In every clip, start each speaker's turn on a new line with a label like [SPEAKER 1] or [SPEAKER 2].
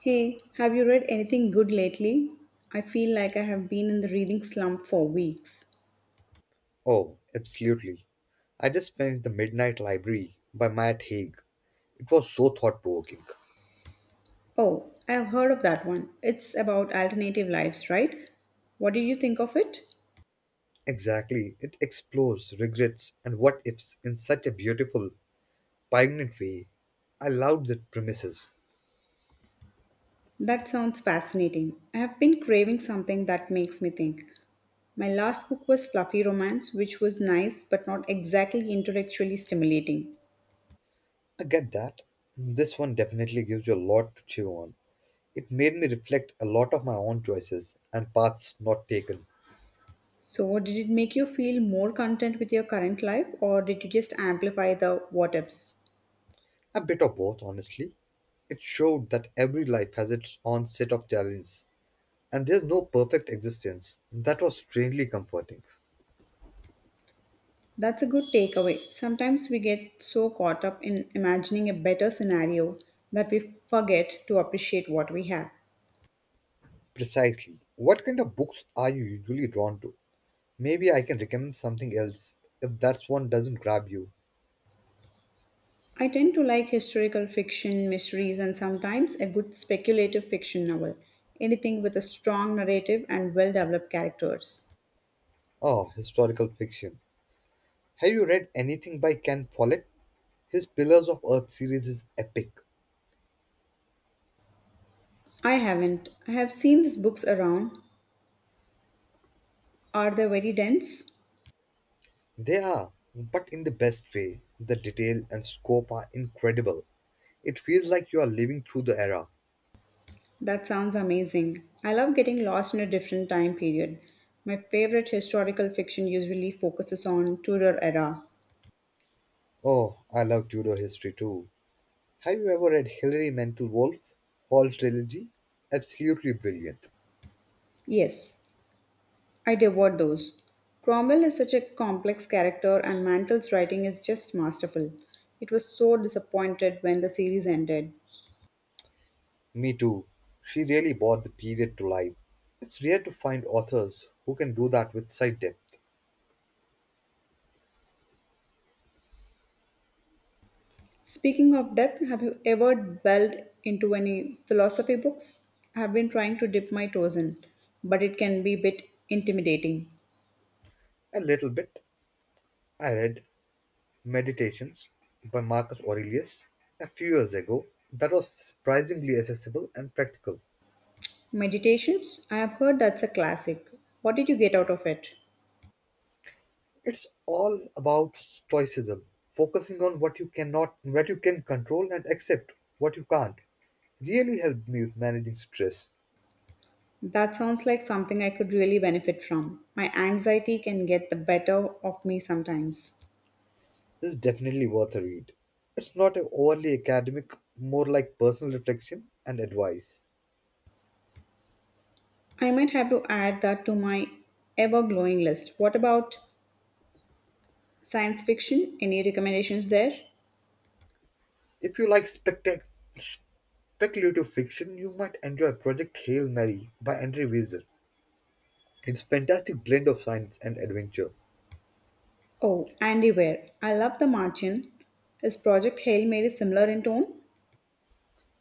[SPEAKER 1] Hey, have you read anything good lately? I feel like I have been in the reading slump for weeks.
[SPEAKER 2] Oh, absolutely. I just finished The Midnight Library by Matt Haig. It was so thought provoking.
[SPEAKER 1] Oh, I have heard of that one. It's about alternative lives, right? What did you think of it?
[SPEAKER 2] Exactly. It explores regrets and what ifs in such a beautiful, poignant way. I loved the premises.
[SPEAKER 1] That sounds fascinating. I have been craving something that makes me think. My last book was Fluffy Romance, which was nice but not exactly intellectually stimulating.
[SPEAKER 2] I get that. This one definitely gives you a lot to chew on. It made me reflect a lot of my own choices and paths not taken.
[SPEAKER 1] So, did it make you feel more content with your current life, or did you just amplify the what ifs?
[SPEAKER 2] A bit of both, honestly. It showed that every life has its own set of challenges and there's no perfect existence. That was strangely comforting.
[SPEAKER 1] That's a good takeaway. Sometimes we get so caught up in imagining a better scenario that we forget to appreciate what we have.
[SPEAKER 2] Precisely. What kind of books are you usually drawn to? Maybe I can recommend something else if that one doesn't grab you.
[SPEAKER 1] I tend to like historical fiction, mysteries, and sometimes a good speculative fiction novel, anything with a strong narrative and well developed characters.
[SPEAKER 2] Oh, historical fiction. Have you read anything by Ken Follett? His Pillars of Earth series is epic.
[SPEAKER 1] I haven't. I have seen these books around. Are they very dense?
[SPEAKER 2] They are, but in the best way. The detail and scope are incredible. It feels like you are living through the era.
[SPEAKER 1] That sounds amazing. I love getting lost in a different time period. My favorite historical fiction usually focuses on Tudor era.
[SPEAKER 2] Oh, I love Tudor history too. Have you ever read Hilary Mantel Wolf Hall trilogy? Absolutely brilliant.
[SPEAKER 1] Yes, I devoured those. Cromwell is such a complex character, and Mantle's writing is just masterful. It was so disappointed when the series ended.
[SPEAKER 2] Me too. She really brought the period to life. It's rare to find authors who can do that with such depth.
[SPEAKER 1] Speaking of depth, have you ever delved into any philosophy books? I have been trying to dip my toes in, but it can be a bit intimidating.
[SPEAKER 2] A little bit. I read Meditations by Marcus Aurelius a few years ago. That was surprisingly accessible and practical.
[SPEAKER 1] Meditations? I have heard that's a classic. What did you get out of it?
[SPEAKER 2] It's all about stoicism, focusing on what you cannot, what you can control, and accept what you can't. Really helped me with managing stress.
[SPEAKER 1] That sounds like something I could really benefit from. My anxiety can get the better of me sometimes.
[SPEAKER 2] This is definitely worth a read. It's not overly academic, more like personal reflection and advice.
[SPEAKER 1] I might have to add that to my ever glowing list. What about science fiction? Any recommendations there?
[SPEAKER 2] If you like speculative fiction, you might enjoy Project Hail Mary by Andre Weiser. It's a fantastic blend of science and adventure.
[SPEAKER 1] Oh, Andy Weir. I love The Martian. Is Project Hail Mary similar in tone?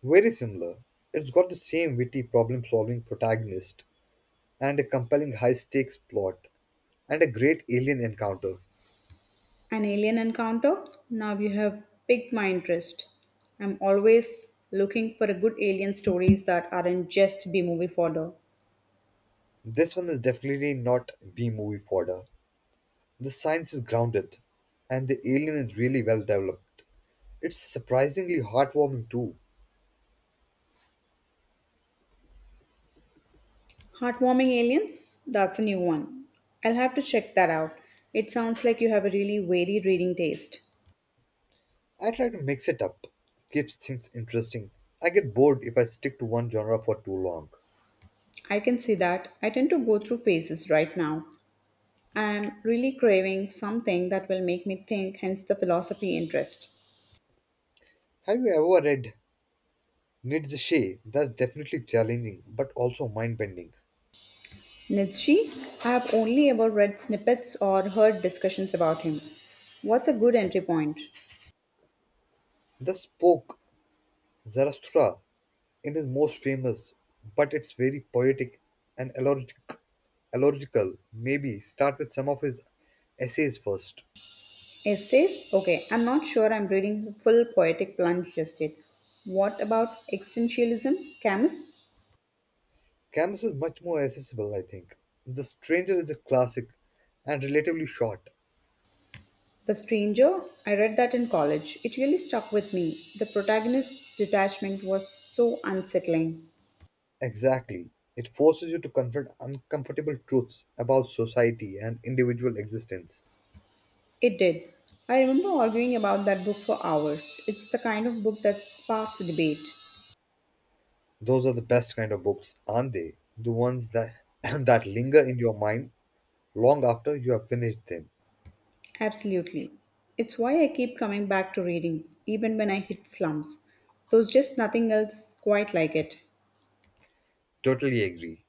[SPEAKER 2] Very similar. It's got the same witty problem-solving protagonist and a compelling high-stakes plot and a great alien encounter.
[SPEAKER 1] An alien encounter? Now you have piqued my interest. I'm always looking for a good alien stories that aren't just B movie fodder.
[SPEAKER 2] This one is definitely not B-movie fodder. The science is grounded and the alien is really well developed. It's surprisingly heartwarming too.
[SPEAKER 1] Heartwarming Aliens? That's a new one. I'll have to check that out. It sounds like you have a really varied reading taste.
[SPEAKER 2] I try to mix it up, keeps things interesting. I get bored if I stick to one genre for too long.
[SPEAKER 1] I can see that. I tend to go through phases right now. I am really craving something that will make me think, hence the philosophy interest.
[SPEAKER 2] Have you ever read Nietzsche? That's definitely challenging, but also mind bending.
[SPEAKER 1] Nietzsche, I have only ever read snippets or heard discussions about him. What's a good entry point?
[SPEAKER 2] The spoke Zarathustra in his most famous, but it's very poetic and allergical. Maybe start with some of his essays first.
[SPEAKER 1] Essays? Okay, I'm not sure I'm reading the full poetic plunge just yet. What about existentialism? Camus?
[SPEAKER 2] Canvas is much more accessible, I think. The Stranger is a classic and relatively short.
[SPEAKER 1] The Stranger? I read that in college. It really stuck with me. The protagonist's detachment was so unsettling.
[SPEAKER 2] Exactly. It forces you to confront uncomfortable truths about society and individual existence.
[SPEAKER 1] It did. I remember arguing about that book for hours. It's the kind of book that sparks debate.
[SPEAKER 2] Those are the best kind of books, aren't they? The ones that that linger in your mind long after you have finished them.
[SPEAKER 1] Absolutely. It's why I keep coming back to reading, even when I hit slumps. There's just nothing else quite like it.
[SPEAKER 2] Totally agree.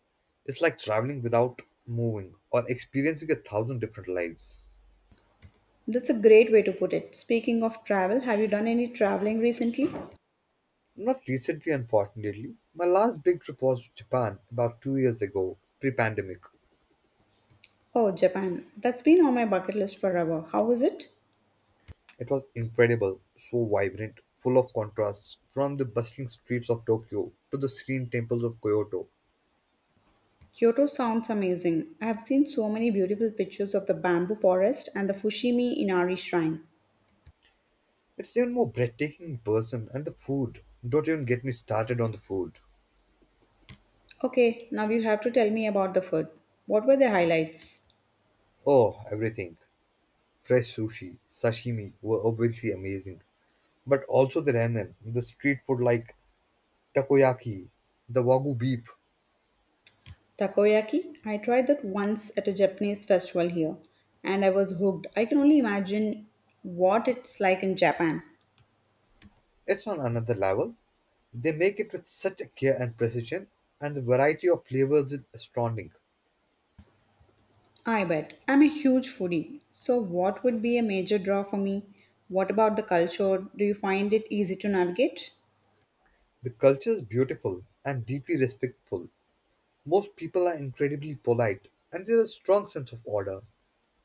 [SPEAKER 2] It's like traveling without moving or experiencing a thousand different lives.
[SPEAKER 1] That's a great way to put it. Speaking of travel, have you done any traveling recently?
[SPEAKER 2] Not recently, unfortunately. My last big trip was to Japan about 2 years ago, pre pandemic.
[SPEAKER 1] Oh, Japan. That's been on my bucket list forever. How was it?
[SPEAKER 2] It was incredible, so vibrant, full of contrasts, from the bustling streets of Tokyo to the serene temples of Kyoto.
[SPEAKER 1] Kyoto sounds amazing. I have seen so many beautiful pictures of the bamboo forest and the Fushimi Inari shrine.
[SPEAKER 2] It's even more breathtaking in person, and the food. Don't even get me started on the food.
[SPEAKER 1] Okay, now you have to tell me about the food. What were the highlights?
[SPEAKER 2] Oh, everything. Fresh sushi, sashimi were obviously amazing. But also the ramen, the street food like takoyaki, the wagyu beef.
[SPEAKER 1] Takoyaki? I tried that once at a Japanese festival here and I was hooked. I can only imagine what it's like in Japan.
[SPEAKER 2] It's on another level. They make it with such a care and precision, and the variety of flavors is astounding.
[SPEAKER 1] I bet. I'm a huge foodie. So, what would be a major draw for me? What about the culture? Do you find it easy to navigate?
[SPEAKER 2] The culture is beautiful and deeply respectful. Most people are incredibly polite, and there is a strong sense of order.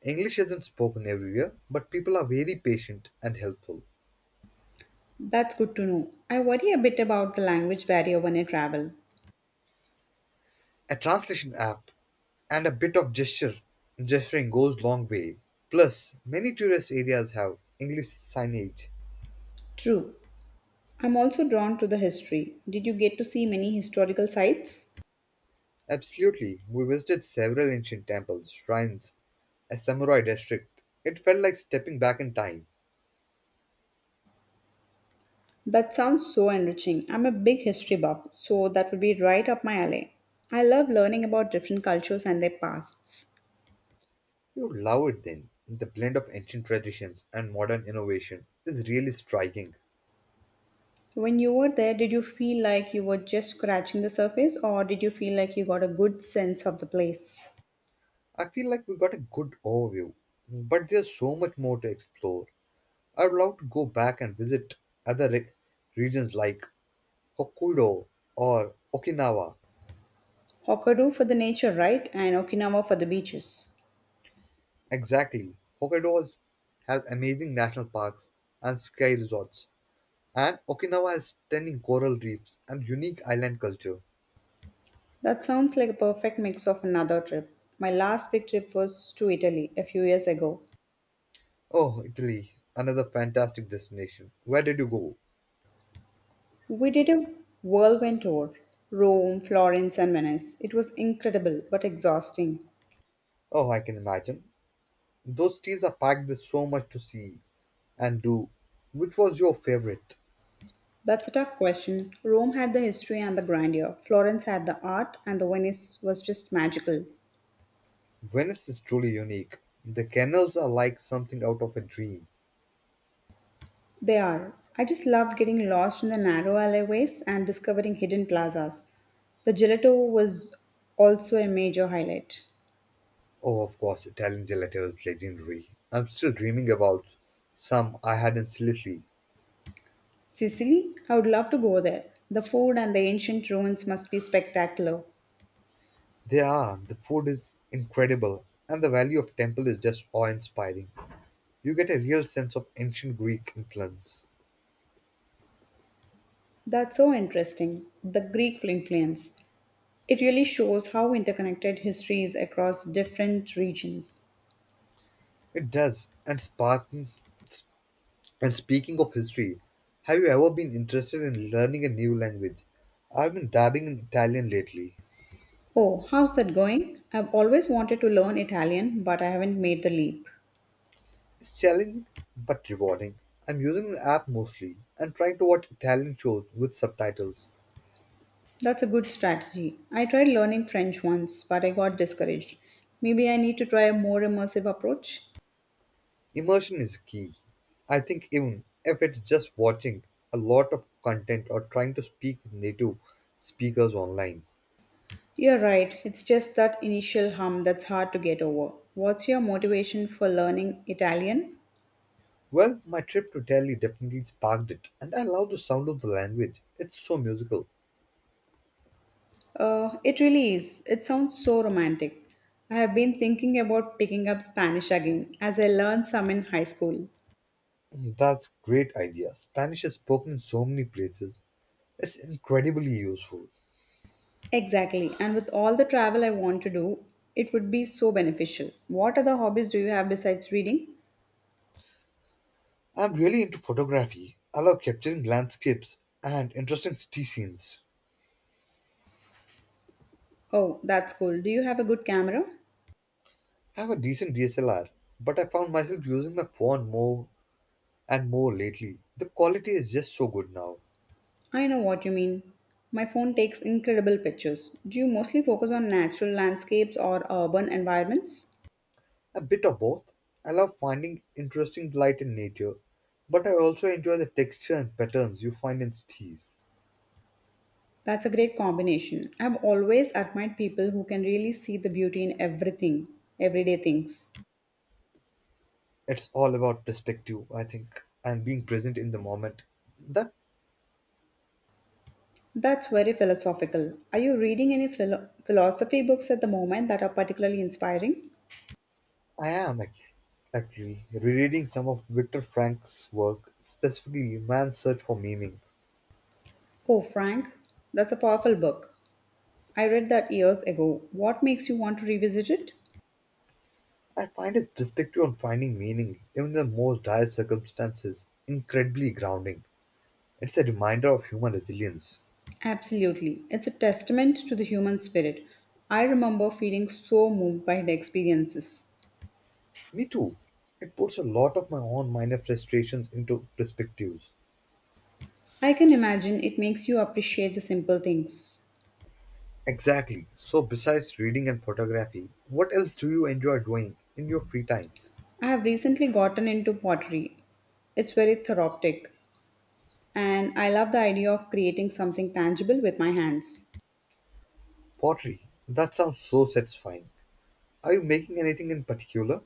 [SPEAKER 2] English isn't spoken everywhere, but people are very patient and helpful.
[SPEAKER 1] That's good to know. I worry a bit about the language barrier when I travel.
[SPEAKER 2] A translation app and a bit of gesture gesturing goes long way. Plus, many tourist areas have English signage.
[SPEAKER 1] True. I'm also drawn to the history. Did you get to see many historical sites?
[SPEAKER 2] Absolutely, we visited several ancient temples, shrines, a samurai district. It felt like stepping back in time.
[SPEAKER 1] That sounds so enriching. I'm a big history buff, so that would be right up my alley. I love learning about different cultures and their pasts.
[SPEAKER 2] You love it then. The blend of ancient traditions and modern innovation is really striking.
[SPEAKER 1] When you were there, did you feel like you were just scratching the surface, or did you feel like you got a good sense of the place?
[SPEAKER 2] I feel like we got a good overview, but there's so much more to explore. I'd love to go back and visit other re- regions like Hokkaido or Okinawa.
[SPEAKER 1] Hokkaido for the nature, right? And Okinawa for the beaches.
[SPEAKER 2] Exactly. Hokkaido has amazing national parks and sky resorts, and Okinawa has stunning coral reefs and unique island culture.
[SPEAKER 1] That sounds like a perfect mix of another trip. My last big trip was to Italy a few years ago.
[SPEAKER 2] Oh, Italy, another fantastic destination. Where did you go?
[SPEAKER 1] We did a whirlwind tour Rome, Florence, and Venice. It was incredible but exhausting.
[SPEAKER 2] Oh, I can imagine. Those trees are packed with so much to see and do. Which was your favorite?
[SPEAKER 1] That's a tough question. Rome had the history and the grandeur, Florence had the art, and the Venice was just magical.
[SPEAKER 2] Venice is truly unique. The canals are like something out of a dream.
[SPEAKER 1] They are. I just loved getting lost in the narrow alleyways and discovering hidden plazas. The gelato was also a major highlight.
[SPEAKER 2] Oh, of course, Italian gelato is legendary. I'm still dreaming about some I had in Sicily.
[SPEAKER 1] Sicily? I would love to go there. The food and the ancient ruins must be spectacular.
[SPEAKER 2] They are. The food is incredible, and the value of temple is just awe-inspiring. You get a real sense of ancient Greek influence.
[SPEAKER 1] That's so interesting. The Greek influence. It really shows how interconnected history is across different regions.
[SPEAKER 2] It does, and Spartan. And speaking of history, have you ever been interested in learning a new language? I've been dabbing in Italian lately.
[SPEAKER 1] Oh, how's that going? I've always wanted to learn Italian, but I haven't made the leap.
[SPEAKER 2] It's challenging but rewarding. I'm using an app mostly and trying to watch Italian shows with subtitles.
[SPEAKER 1] That's a good strategy. I tried learning French once, but I got discouraged. Maybe I need to try a more immersive approach?
[SPEAKER 2] Immersion is key. I think even if it's just watching a lot of content or trying to speak with native speakers online.
[SPEAKER 1] You're right, it's just that initial hum that's hard to get over. What's your motivation for learning Italian?
[SPEAKER 2] Well, my trip to Italy definitely sparked it, and I love the sound of the language. It's so musical.
[SPEAKER 1] It really is. It sounds so romantic. I have been thinking about picking up Spanish again, as I learned some in high school.
[SPEAKER 2] That's great idea. Spanish is spoken in so many places. It's incredibly useful.
[SPEAKER 1] Exactly. And with all the travel I want to do, it would be so beneficial. What other hobbies do you have besides reading?
[SPEAKER 2] I'm really into photography. I love capturing landscapes and interesting city scenes.
[SPEAKER 1] Oh, that's cool. Do you have a good camera?
[SPEAKER 2] I have a decent DSLR, but I found myself using my phone more and more lately. The quality is just so good now.
[SPEAKER 1] I know what you mean. My phone takes incredible pictures. Do you mostly focus on natural landscapes or urban environments?
[SPEAKER 2] A bit of both. I love finding interesting light in nature, but I also enjoy the texture and patterns you find in cities.
[SPEAKER 1] That's a great combination. I've always admired people who can really see the beauty in everything, everyday things.
[SPEAKER 2] It's all about perspective, I think, and being present in the moment. That.
[SPEAKER 1] That's very philosophical. Are you reading any philosophy books at the moment that are particularly inspiring?
[SPEAKER 2] I am ac- actually rereading some of Viktor Frank's work, specifically Man's Search for Meaning.
[SPEAKER 1] Oh, Frank, that's a powerful book. I read that years ago. What makes you want to revisit it?
[SPEAKER 2] I find his perspective on finding meaning, even in the most dire circumstances, incredibly grounding. It's a reminder of human resilience.
[SPEAKER 1] Absolutely. It's a testament to the human spirit. I remember feeling so moved by the experiences.
[SPEAKER 2] Me too. It puts a lot of my own minor frustrations into perspectives.
[SPEAKER 1] I can imagine it makes you appreciate the simple things.
[SPEAKER 2] Exactly. So, besides reading and photography, what else do you enjoy doing in your free time?
[SPEAKER 1] I have recently gotten into pottery. It's very therapeutic, and I love the idea of creating something tangible with my hands.
[SPEAKER 2] Pottery. That sounds so satisfying. Are you making anything in particular?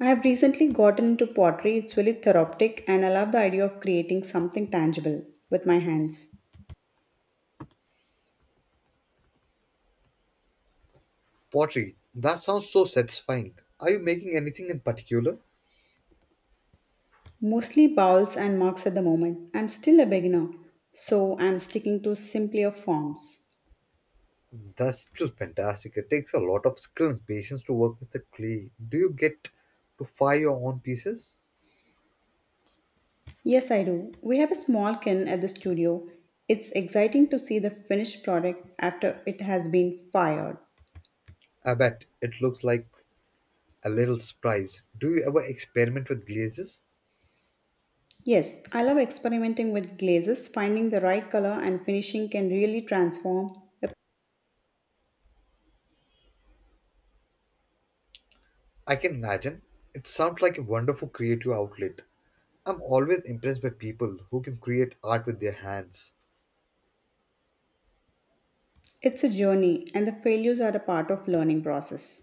[SPEAKER 1] I have recently gotten into pottery. It's really therapeutic, and I love the idea of creating something tangible with my hands.
[SPEAKER 2] Pottery. That sounds so satisfying. Are you making anything in particular?
[SPEAKER 1] Mostly bowls and mugs at the moment. I'm still a beginner, so I'm sticking to simpler forms.
[SPEAKER 2] That's still fantastic. It takes a lot of skill and patience to work with the clay. Do you get to fire your own pieces?
[SPEAKER 1] Yes, I do. We have a small kiln at the studio. It's exciting to see the finished product after it has been fired.
[SPEAKER 2] I bet it looks like a little surprise. Do you ever experiment with glazes?
[SPEAKER 1] Yes, I love experimenting with glazes. Finding the right color and finishing can really transform. A-
[SPEAKER 2] I can imagine. It sounds like a wonderful creative outlet. I'm always impressed by people who can create art with their hands.
[SPEAKER 1] It's a journey, and the failures are a part of learning process.